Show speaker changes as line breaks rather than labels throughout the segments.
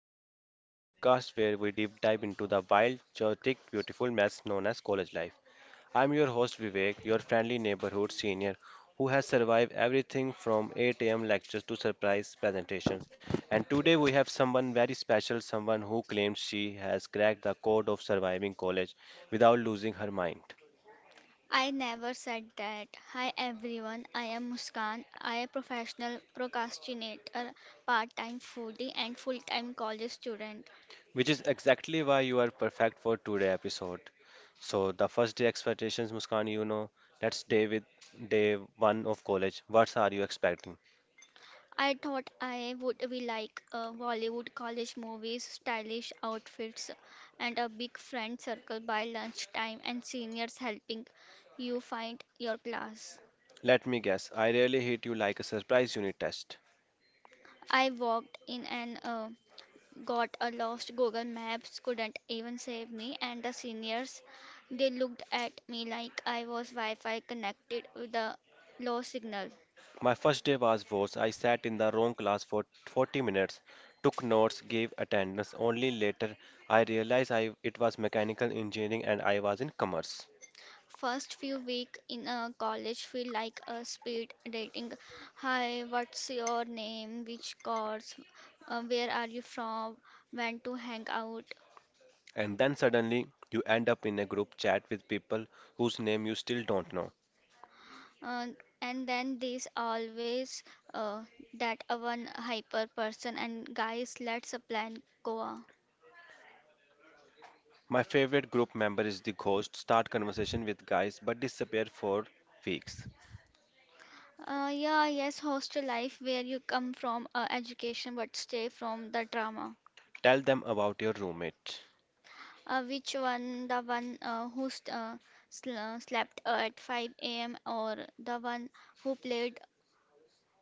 Chronicles, the podcast where we deep dive into the wild, chaotic, beautiful mess known as college life. I'm your host Vivek, your friendly neighborhood senior who has survived everything from 8 a.m. lectures to surprise presentations. And today we have someone very special, someone who claims she has cracked the code of surviving college without losing her mind.
I never said that. Hi everyone, I am Muskan. I am professional procrastinator, part-time foodie and full-time college student.
Which is exactly why you are perfect for today episode. So the first day expectations, Muskan, you know, that's day with day one of college. What are you expecting?
I thought I would be like Bollywood college movies, stylish outfits and a big friend circle by lunchtime and seniors helping you find your class.
Let me guess, I really hit you like a surprise unit test.
I walked in and got a lost Google Maps couldn't even save me and the seniors they looked at me like I was Wi-Fi connected with a low signal.
My first day was worse. I sat in the wrong class for 40 minutes, took notes, gave attendance. Only later I realized it was mechanical engineering and I was in commerce.
First few week in a college feel like a speed dating. Hi, what's your name? Which course? Where are you from? When to hang out?
And then suddenly you end up in a group chat with people whose name you still don't know.
Uh, and then there's always uh, that one hyper person and guys let's a plan Goa.
My favorite group member is the ghost. Start conversation with guys but disappear for weeks.
Yeah, yes, hostel life where you come from education but stay from the drama.
Tell them about your roommate.
Which one, the one who st sl slept at 5 a.m. or the one who played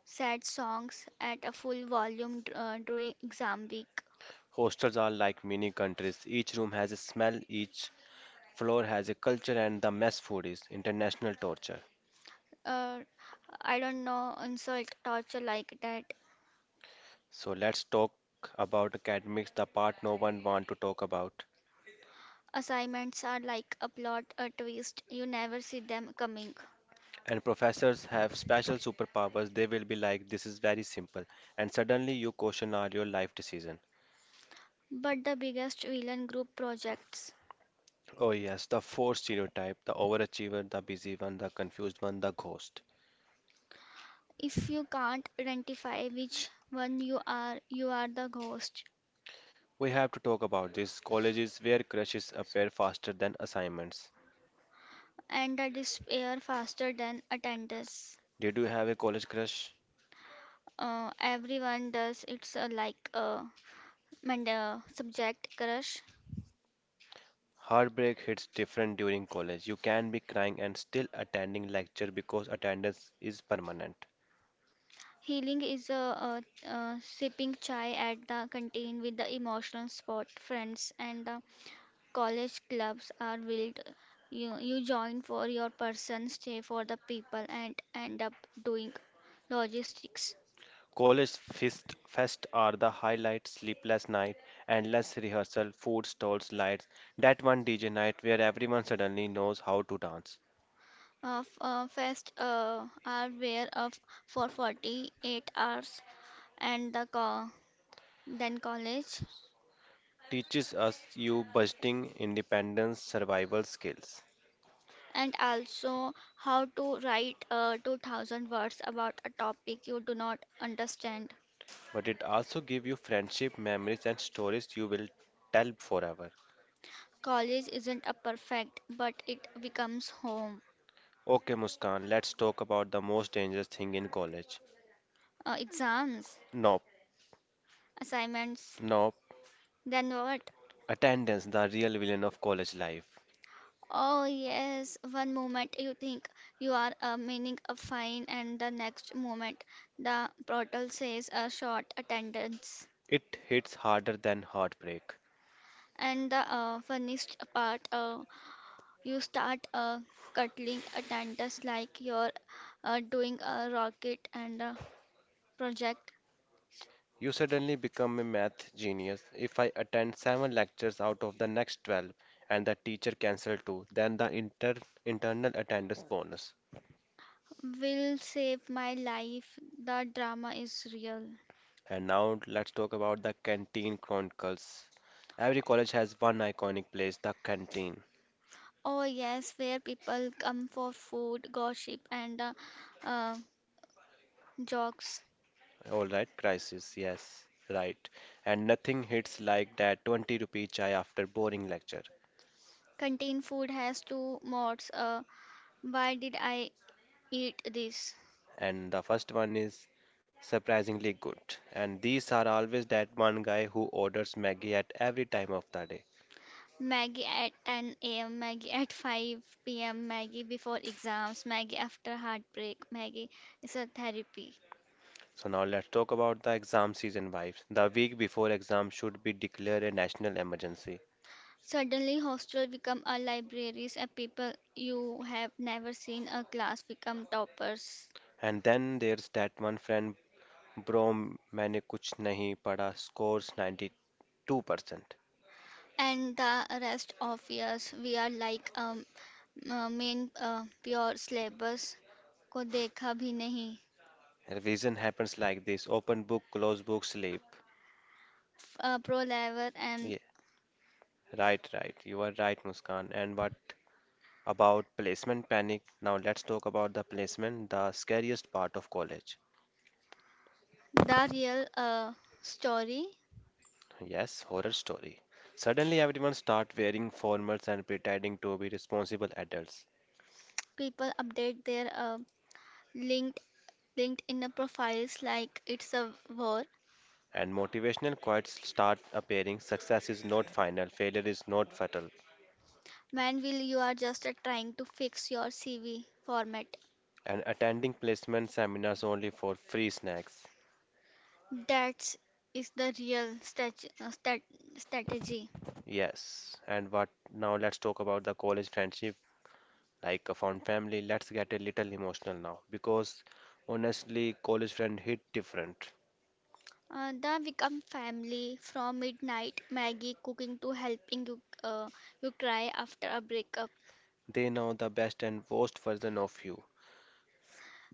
sad songs at a full volume during exam week?
Hostels are like mini countries. Each room has a smell, each floor has a culture, and the mess food is international torture.
Uh, I don't know, insult, torture like that.
So let's talk about academics, the part no one want to talk about.
Assignments are like a plot, a twist. You never see them coming.
And professors have special superpowers. They will be like, this is very simple. And suddenly you question all your life decision.
But the biggest villain group projects.
Oh, yes, the four stereotype the overachiever, the busy one, the confused one, the ghost.
If you can't identify which one you are the ghost.
We have to talk about this. Colleges where crushes appear faster than assignments.
And the despair faster than attendance.
Did you have a college crush?
Everyone does. It's like a subject crush.
Heartbreak hits different during college. You can be crying and still attending lecture because attendance is permanent.
Healing is sipping chai at the canteen with the emotional spot friends and the college clubs are wild. You join for your person, stay for the people, and end up doing logistics
College fist fest are the highlight, sleepless night, endless rehearsal, food stalls, lights, that one DJ night where everyone suddenly knows how to dance.
of fast are where of for 48 hours and the then college
Teaches us you budgeting, independence, survival skills.
and also how to write 2,000 words about a topic you do not understand.
But it also gives you friendship, memories, and stories you will tell forever.
College isn't a perfect but it becomes home.
Okay, Muskan, let's talk about the most dangerous thing in college.
Exams.
Nope,
Assignments.
nope.
Then what?
Attendance, the real villain of college life.
Oh, yes, one moment you think you are meaning a fine, and the next moment the portal says a short attendance.
It hits harder than heartbreak.
And the funniest part, you start cuddling attendance like you're doing a rocket and a project
You suddenly become a math genius. If I attend 7 lectures out of the next 12 and the teacher cancels 2, then the internal attendance bonus.
will save my life. The drama is real.
And now let's talk about the Canteen Chronicles. Every college has one iconic place, the canteen.
Oh, yes, where people come for food, gossip, and uh, jokes.
All right, crisis, yes, right. And nothing hits like that 20 rupee chai after boring lecture.
Contain food has two modes. Why did I eat this?
And the first one is surprisingly good. And these are always that one guy who orders Maggie at every time of the day.
Maggie at 10 a.m., Maggie at 5 p.m., Maggie before exams, Maggie after heartbreak, Maggie is a therapy.
So now let's talk about the exam season vibes. The week before exam should be declared a national emergency.
Suddenly, hostel become a libraries, and people you have never seen a class become toppers.
And then there's that one friend, bro मैंने कुछ नहीं पढ़ा, scores 92%.
And the rest of years we are like main pure syllabus को देखा भी नहीं.
Revision happens like this: open book, close book, sleep.
Pro lever and
Yeah, right, right, you are right, Muskan. And what about placement panic? Now let's talk about the placement, the scariest part of college.
the real story.
Yes, horror story. Suddenly everyone start wearing formals and pretending to be responsible adults.
People update their linked linkedin profiles like it's a war.
And motivational quotes start appearing: success is not final, failure is not fatal.
Man will you are just trying to fix your CV format.
And attending placement seminars only for free snacks.
That's the real strategy.
Yes, and what now let's talk about the college friendship, like a fond family. Let's get a little emotional now, because honestly, college friend hit different.
The become family from midnight Maggie cooking to helping you cry after a breakup.
They know the best and worst version of you,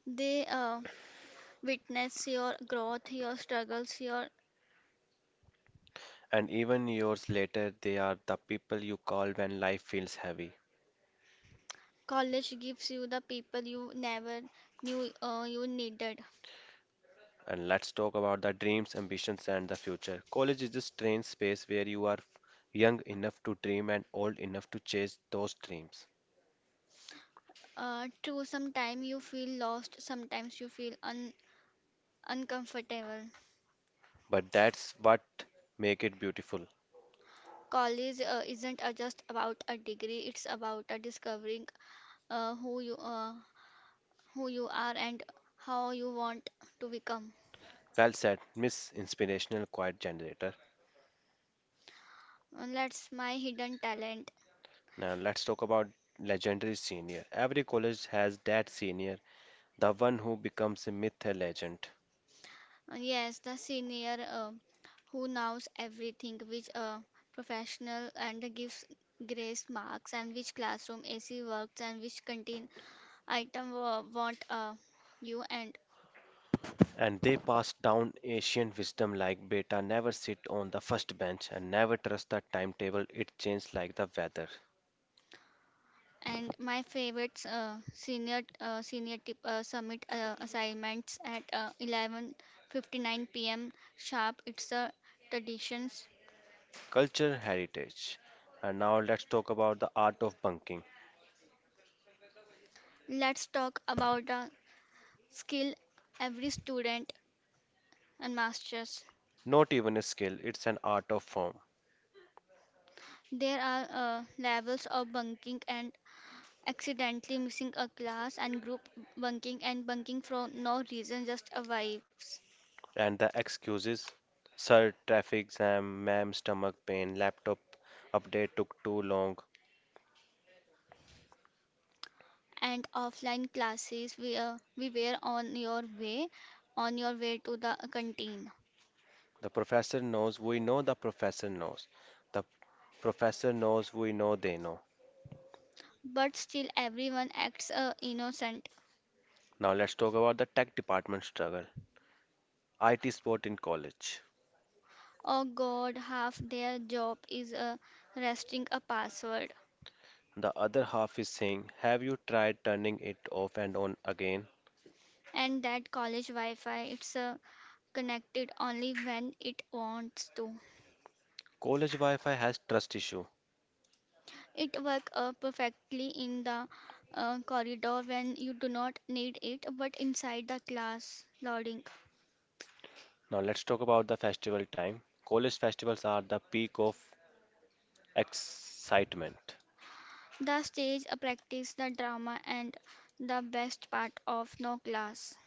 They witness your growth your struggles your
and even years later, they are the people you call when life feels heavy.
college gives you the people you never knew you needed.
And let's talk about the dreams, ambitions, and the future. College is a strange space where you are young enough to dream and old enough to chase those dreams.
True, sometimes you feel lost, sometimes you feel uncomfortable.
But that's what make it beautiful.
College isn't just about a degree, it's about discovering uh, who you uh, who you are and how you want to become.
Well said, Miss Inspirational Quiet Generator.
That's my hidden talent.
Now let's talk about legendary senior. Every college has that senior, the one who becomes a myth, a legend.
Yes, the senior who knows everything, which professional and gives grace marks, and which classroom AC works, and which canteen item want you. and
And they pass down ancient wisdom like beta never sit on the first bench, and never trust the timetable, it changes like the weather.
and my favorite senior tip summit assignments at 11:59 p.m. sharp. It's a traditions.
Culture heritage. And now let's talk about the art of bunking.
Let's talk about a skill every student and masters.
Not even a skill, it's an art of form.
There are levels of bunking and accidentally missing a class and group bunking and bunking for no reason just arrives.
And the excuses: sir, traffic jam, ma'am, stomach pain, laptop update took too long.
And offline classes we were on your way to the canteen.
The professor knows, we know the professor knows. The professor knows, we know they know.
But still everyone acts innocent.
Now let's talk about the tech department struggle. IT support in college.
Oh god half their job is resting a password.
The other half is saying, have you tried turning it off and on again?
And that college wi-fi it's connected only when it wants to.
College Wi-Fi has trust issue.
It works perfectly in the corridor when you do not need it, but inside the class, loading.
Now let's talk about the festival time. College festivals are the peak of excitement.
The stage practice the drama and the best part of no class.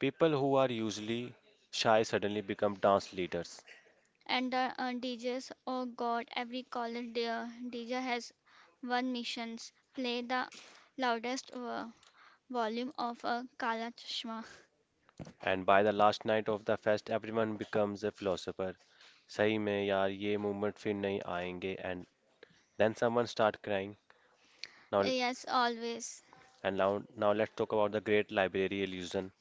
People who are usually shy suddenly become dance leaders.
And the DJs, oh god, every college DJ has one missions play the loudest volume of a Kala Chashma.
And by the last night of the fest, everyone becomes a philosopher. सही में यार ये movement फिर नहीं आएंगे, and then someone start crying. Now
Yes, always.
and now now let's talk about the great library illusion.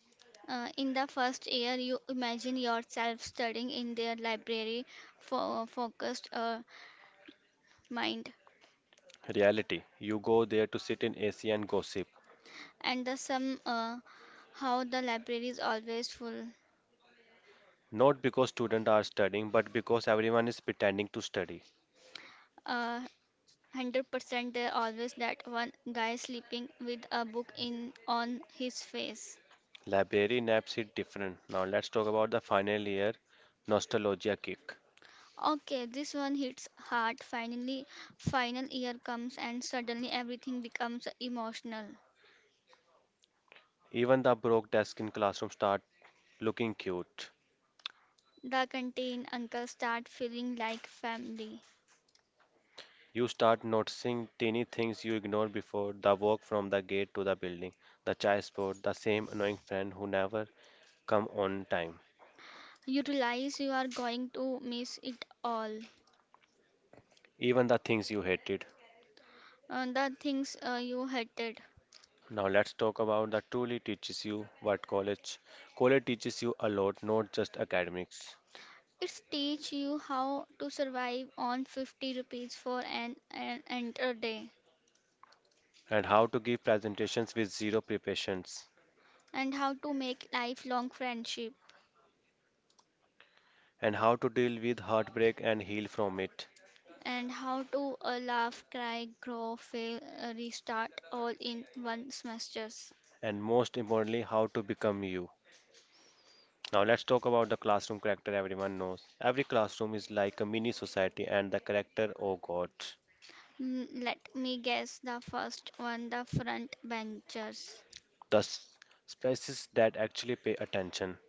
In the first year, you imagine yourself studying in their library for focused mind,
Reality. You go there to sit in AC and gossip.
and the some how the library is always full.
Not because students are studying, but because everyone is pretending to study.
Uh, 100% there always that one guy sleeping with a book in on his face.
Library naps hit different. Now let's talk about the final year nostalgia kick.
Okay, this one hits hard. Finally, final year comes and suddenly everything becomes emotional.
Even the broke desk in classroom start looking cute.
The canteen uncle start feeling like family.
You start noticing tiny things you ignored before: the walk from the gate to the building, the chai spot, the same annoying friend who never come on time,
You realize you are going to miss it all,
even the things you hated.
the things you hated.
Now let's talk about the truly teaches you what college. College teaches you a lot, not just academics,
It's teach you how to survive on 50 rupees for an entire day
and how to give presentations with zero preparations,
and how to make lifelong friendship
and how to deal with heartbreak and heal from it,
and how to laugh cry grow fail restart all in one semesters.
and most importantly, how to become you. Now let's talk about the classroom character everyone knows. Every classroom is like a mini society and the character, oh god,
Mm, let me guess the first one the front benchers.
the species that actually pay attention.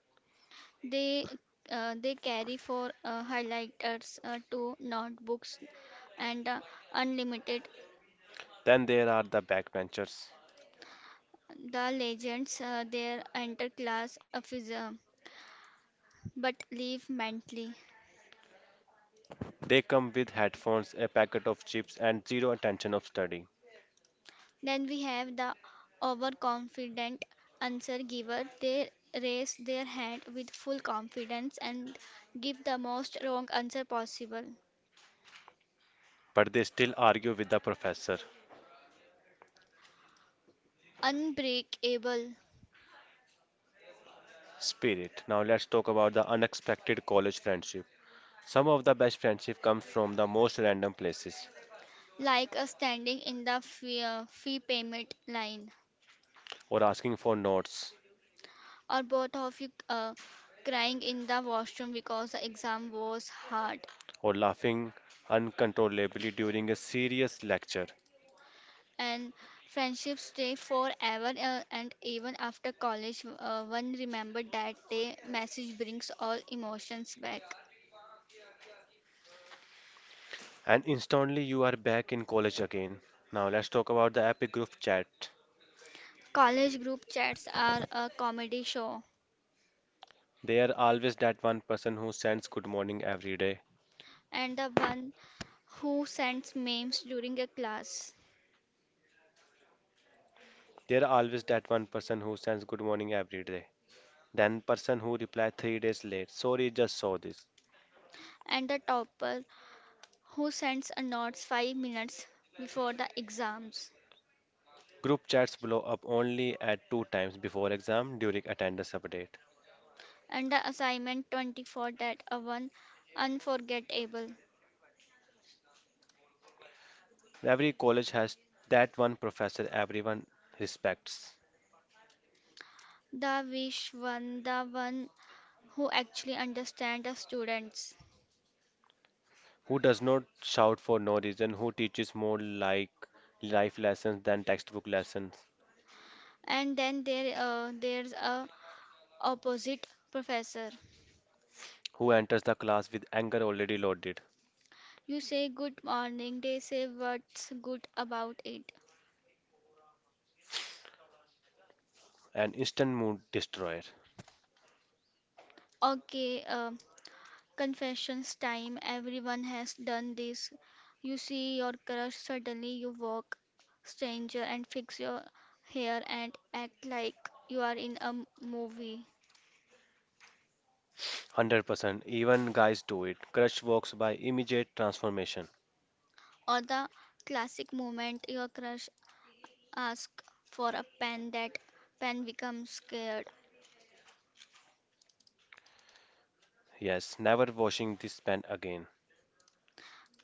They they carry for highlighters to notebooks and unlimited
Then there are the backbenchers.
the legends their interclass affism but leave mentally.
They come with headphones, a packet of chips and zero attention of study.
Then we have the overconfident answer giver. They raise their hand with full confidence and give the most wrong answer possible.
But they still argue with the professor.
Unbreakable,
Spirit. Now let's talk about the unexpected college friendship. Some of the best friendship comes from the most random places,
like a standing in the fee payment line.
or asking for notes,
Or both of you crying in the washroom because the exam was hard.
or laughing uncontrollably during a serious lecture.
And friendships stay forever, and even after college, one remember that the message brings all emotions back.
And instantly you are back in college again. Now let's talk about the epic group chat.
College group chats are a comedy show,
There are always that one person who sends good morning every day.
and the one who sends memes during a class,
There are always that one person who sends good morning every day. Then person who replied 3 days late. Sorry, just saw this.
and the topper who sends a notes 5 minutes before the exams.
Group chats blow up only at two times, before exam during attendance update.
And the assignment 24 that a one unforgettable.
Every college has that one professor everyone respects.
The wish one, the one who actually understand the students.
Who does not shout for no reason? Who teaches more like life lessons than textbook lessons?
And then there's a opposite professor.
Who enters the class with anger already loaded?
You say good morning, they say what's good about it.
An instant mood destroyer.
Okay, confessions time, everyone has done this. You see your crush, suddenly you walk stranger and fix your hair and act like you are in a movie.
100%. Even guys do it. Crush walks by, immediate transformation.
Or the classic moment your crush asks for a pen that pen becomes scared.
Yes, never washing this pen again.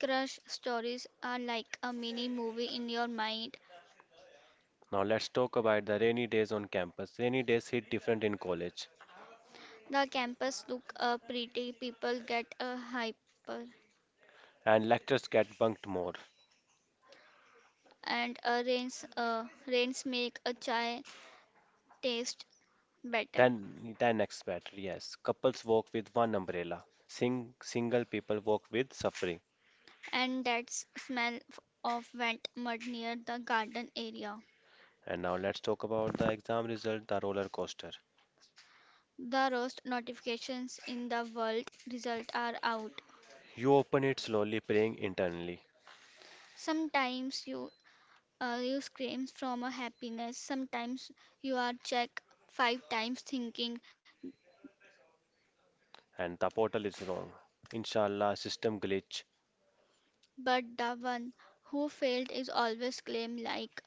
Crush stories are like a mini movie in your mind.
Now let's talk about the rainy days on campus. Rainy days hit different in college,
The campus look pretty, people get a hyper
and lectures get bunked more
and rains make a chai taste better.
than expected. Yes, couples walk with one umbrella. Sing, single people walk with suffering.
And that smell of wet mud near the garden area.
And now let's talk about the exam result, the roller coaster.
The roast notifications in the world result are out.
You open it slowly, praying internally,
Sometimes you scream from a happiness. Sometimes you are checked five times thinking,
and the portal is wrong. Inshallah, system glitch.
but the one who failed is always claimed like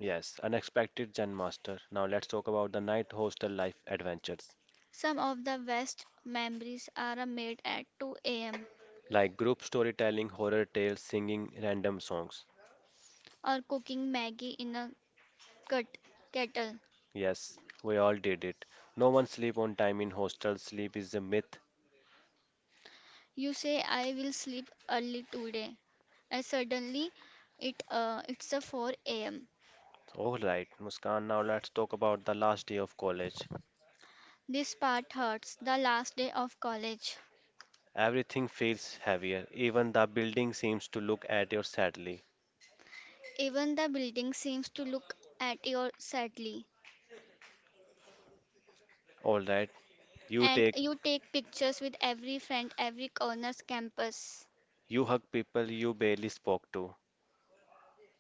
Yes, unexpected Zen master. Now let's talk about the night hostel life adventures,
some of the best memories are made at 2 a.m.
like group storytelling, horror tales, singing random songs.
or cooking Maggie in a cut kettle.
Yes, we all did it. No one sleep on time in hostel. Sleep is a myth.
You say I will sleep early today. And suddenly it's a 4 a.m.
All right, Muskan. Now let's talk about the last day of college.
This part hurts. The last day of college.
Everything feels heavier. Even the building seems to look at you sadly.
Even the building seems to look at you sadly.
All right, you
And
take,
you take pictures with every friend, every corner's campus.
you hug people you barely spoke to.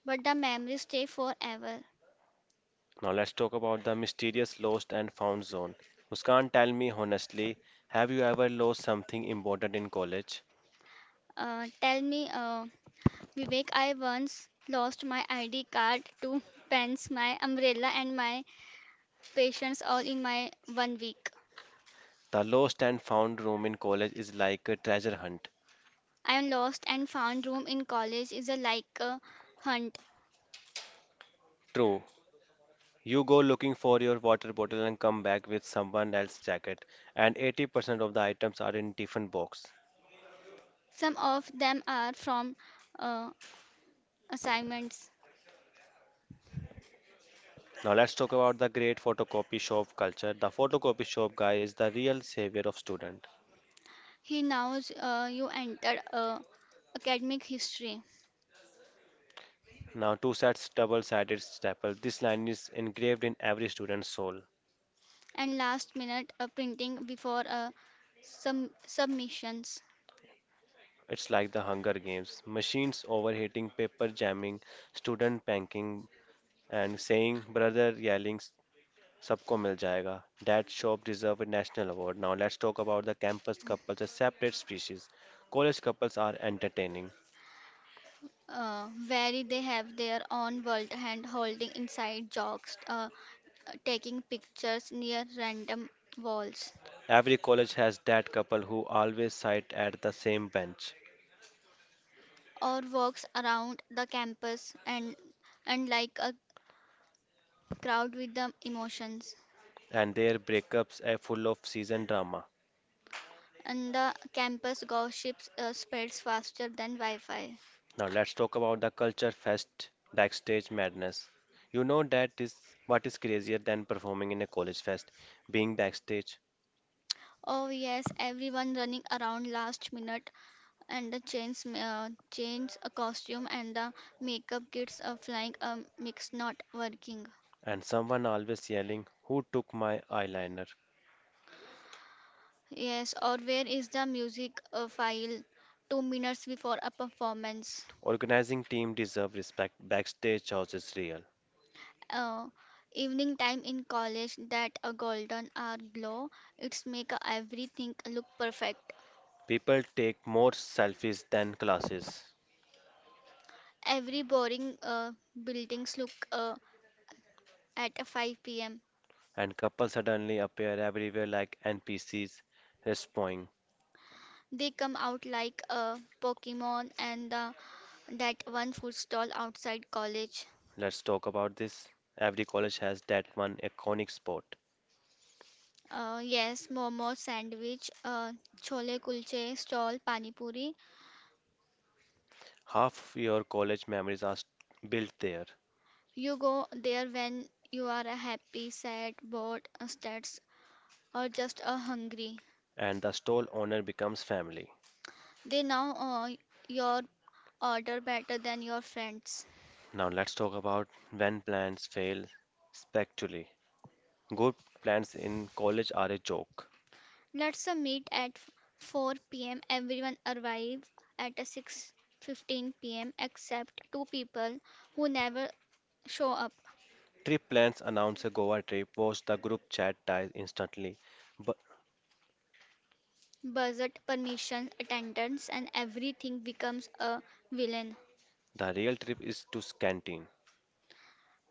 But the memories stay forever.
Now let's talk about the mysterious lost and found zone. Muskan, tell me honestly, have you ever lost something important in college?
Tell me, Vivek, I once lost my ID card, two pens, my umbrella, and my patience all in my one week.
The lost and found room in college is like a treasure hunt.
I'm lost and found room in college is a like a hunt.
True. You go looking for your water bottle and come back with someone else's jacket, and 80% of the items are in different box.
Some of them are from uh, assignments.
Now let's talk about the great photocopy shop culture. The photocopy shop guy is the real savior of student.
He knows you entered academic history
Now, two sets, double-sided, staple. This line is engraved in every student's soul.
and last minute printing before some submissions.
It's like the Hunger Games: machines overheating, paper jamming, student panking and saying brother, yelling सबको मिल जाएगा. That shop deserve a national award. Now let's talk about the campus couples, a separate species. College couples are entertaining.
Where they have their own world hand holding inside jokes, taking pictures near random walls
Every college has that couple who always sit at the same bench,
or walks around the campus and like a crowd with the emotions,
and their breakups are full of season drama.
and the campus gossip spreads faster than Wi Fi.
Now let's talk about the culture fest backstage madness. You know that is what is crazier than performing in a college fest, being backstage,
Oh, yes, everyone running around last minute, and the chains, a costume, and the makeup kits are flying, a mix not working.
and someone always yelling, "Who took my eyeliner?"
Yes, or where is the music file? 2 minutes before a performance.
Organizing team deserve respect. Backstage house is real.
Uh, Evening time in college that a golden hour glow. It's make everything look perfect.
People take more selfies than classes.
Every boring buildings look at a 5 p.m.
And couples suddenly appear everywhere like NPCs respawning.
They come out like a Pokemon and that one food stall outside college.
Let's talk about this. Every college has that one iconic spot.
Yes, momo, sandwich, chole kulche stall, pani puri.
Half of your college memories are built there,
You go there when you are a happy, sad, bored, stressed, or just hungry.
and the stall owner becomes family.
They know your order better than your friends.
Now let's talk about when plans fail spectacularly. Good plans in college are a joke.
Let's meet at 4 p.m. Everyone arrive at 6:15 p.m. except two people who never show up.
Trip plans announce a Goa trip, post the group chat dies instantly, but
Budget, permission, attendance, and everything becomes a villain,
the real trip is to canteen.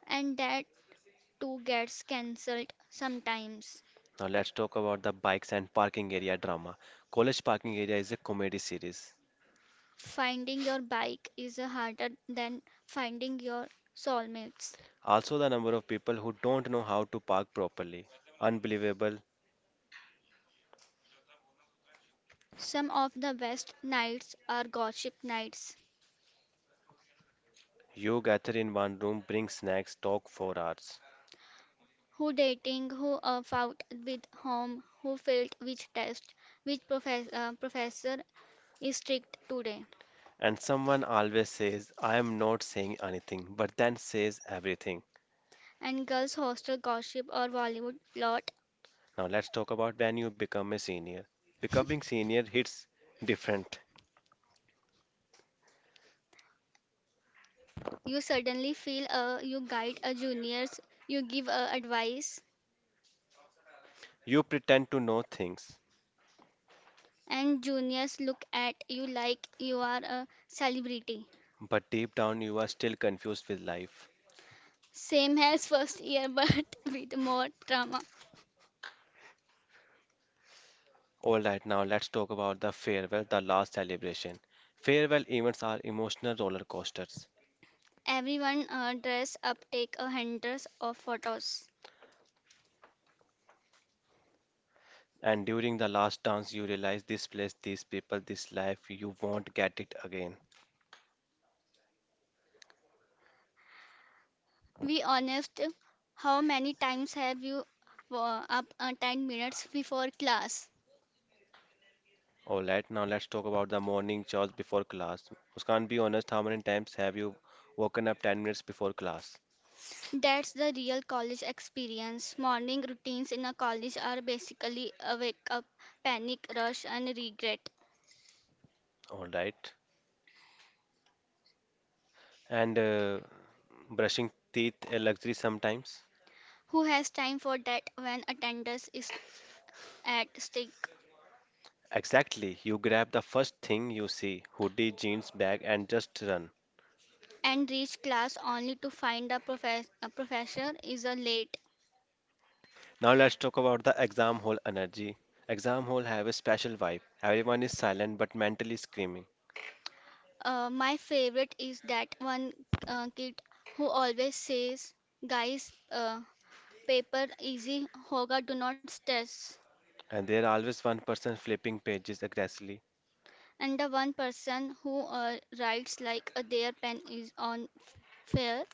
and that too gets cancelled sometimes.
Now let's talk about the bikes and parking area drama. College Parking Area is a comedy series.
Finding your bike is harder than finding your soulmates.
Also, the number of people who don't know how to park properly. Unbelievable.
Some of the best nights are gossip nights.
You gather in one room, bring snacks, talk for hours.
Who dating, who out with whom, who failed which test, which professor is strict today,
And someone always says, I am not saying anything, but then says everything.
and girls' hostel gossip or Bollywood plot.
Now let's talk about when you become a senior. Becoming senior hits different.
You suddenly feel you guide a juniors, you give advice,
You pretend to know things,
and juniors look at you like you are a celebrity.
but deep down you are still confused with life.
Same as first year, but with more drama.
All right, now let's talk about the farewell, the last celebration. Farewell events are emotional roller coasters.
Everyone dress up, take a hundreds of photos.
And during the last dance, you realize this place, these people, this life, you won't get it again.
Be honest, how many times have you up 10 minutes before class?
All right, now let's talk about the morning chores before class. Muskan, be honest, how many times have you woken up 10 minutes before class?
That's the real college experience. Morning routines in a college are basically a wake up, panic, rush, and regret.
All right. And brushing teeth a luxury sometimes?
Who has time for that when attendance is at stake?
Exactly. You grab the first thing you see: hoodie, jeans, bag, and just run.
And reach class only to find a professor is a late.
Now let's talk about the exam hall energy. Exam hall have a special vibe. Everyone is silent but mentally screaming,
My favorite is that one kid who always says, guys, paper easy hoga do not stress
and there are always one person flipping pages aggressively.
and the one person who writes like their pen is on fair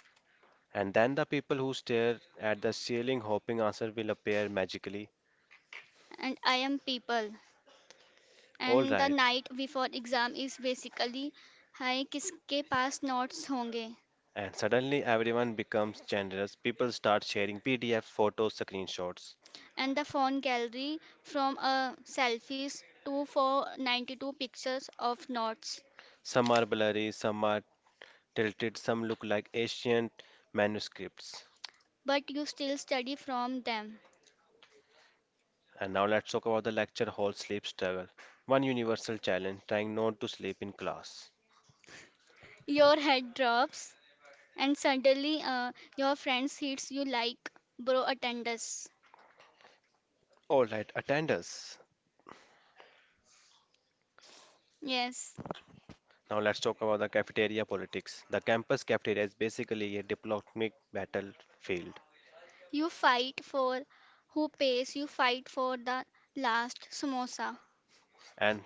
And then the people who stare at the ceiling hoping answer will appear magically.
and I am people
All
and the
right.
night before exam is basically hi kiske paas notes honge
And suddenly everyone becomes generous. People start sharing PDF photos, screenshots.
and the phone gallery from selfies to 92 pictures of notes
Some are blurry, some are tilted, some look like ancient manuscripts.
but you still study from them.
And now let's talk about the lecture hall sleep struggle. One universal challenge: trying not to sleep in class.
Your head drops and suddenly your friends hits you like bro attendance.
All right, attenders.
Yes,
Now let's talk about the cafeteria politics. The campus cafeteria is basically a diplomatic battlefield,
you fight for who pays, you fight for the last samosa.
and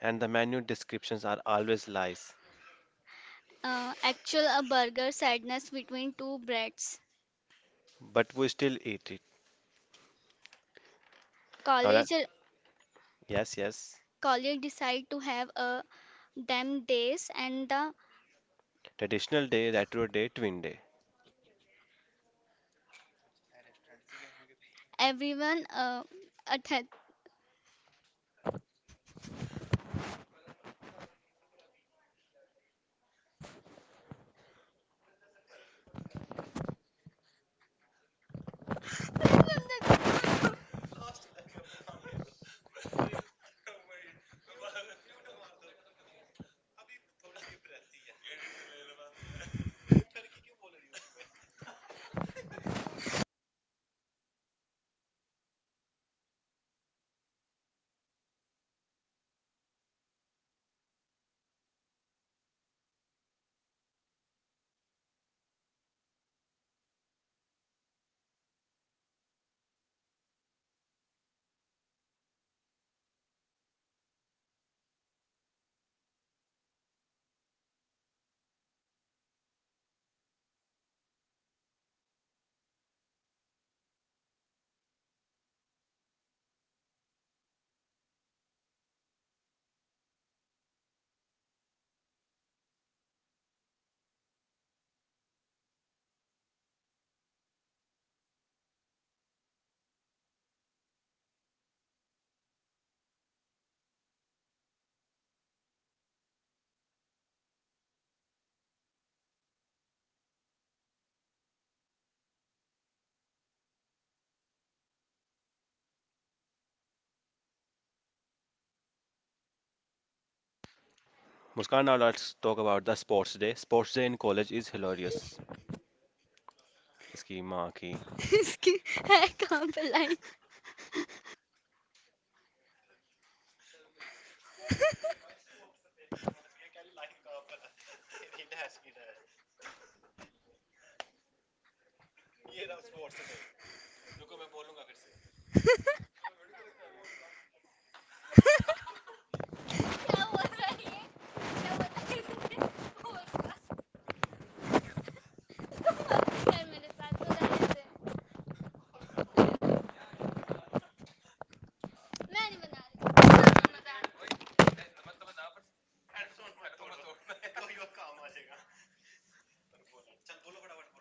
and the menu descriptions are always lies,
Actual a burger sadness between two breads.
but we still eat it. Now let
College
yes yes
college decide to have a them days and the
traditional day, retro day, twin day.
everyone attend.
Muskan, now let's talk about the sports day. Sports day in college is hilarious. इसकी माँ की.
इसकी- है कहाँ पे line? क्या बोल रही है? क्या बोला है बोल रहा। तुम मत यार मेरे साथ, बना रहे मैं नहीं बना रही।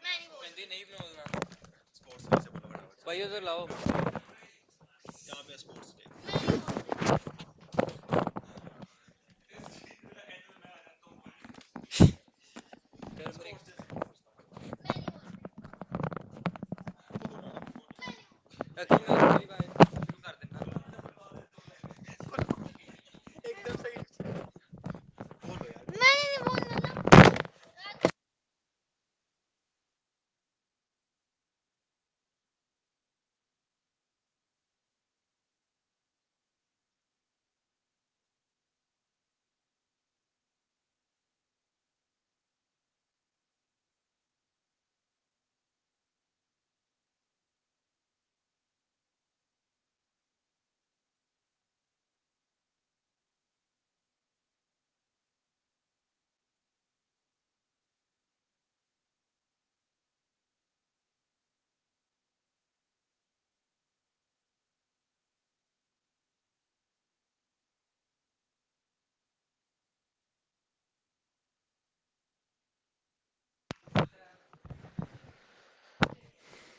मेहंदी नहीं बोलना भाई उधर लाओ बनाऊंगा यकीन नहीं भाई मैंने नहीं बोलना ना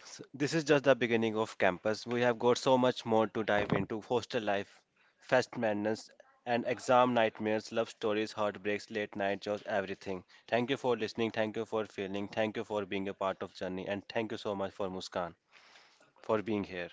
This is just the beginning of campus. We have got so much more to dive into: hostel life, fest madness, and exam nightmares, love stories, heartbreaks, late night chores, everything. Thank you for listening. Thank you for feeling. Thank you for being a part of journey. And thank you so much for Muskan for being here.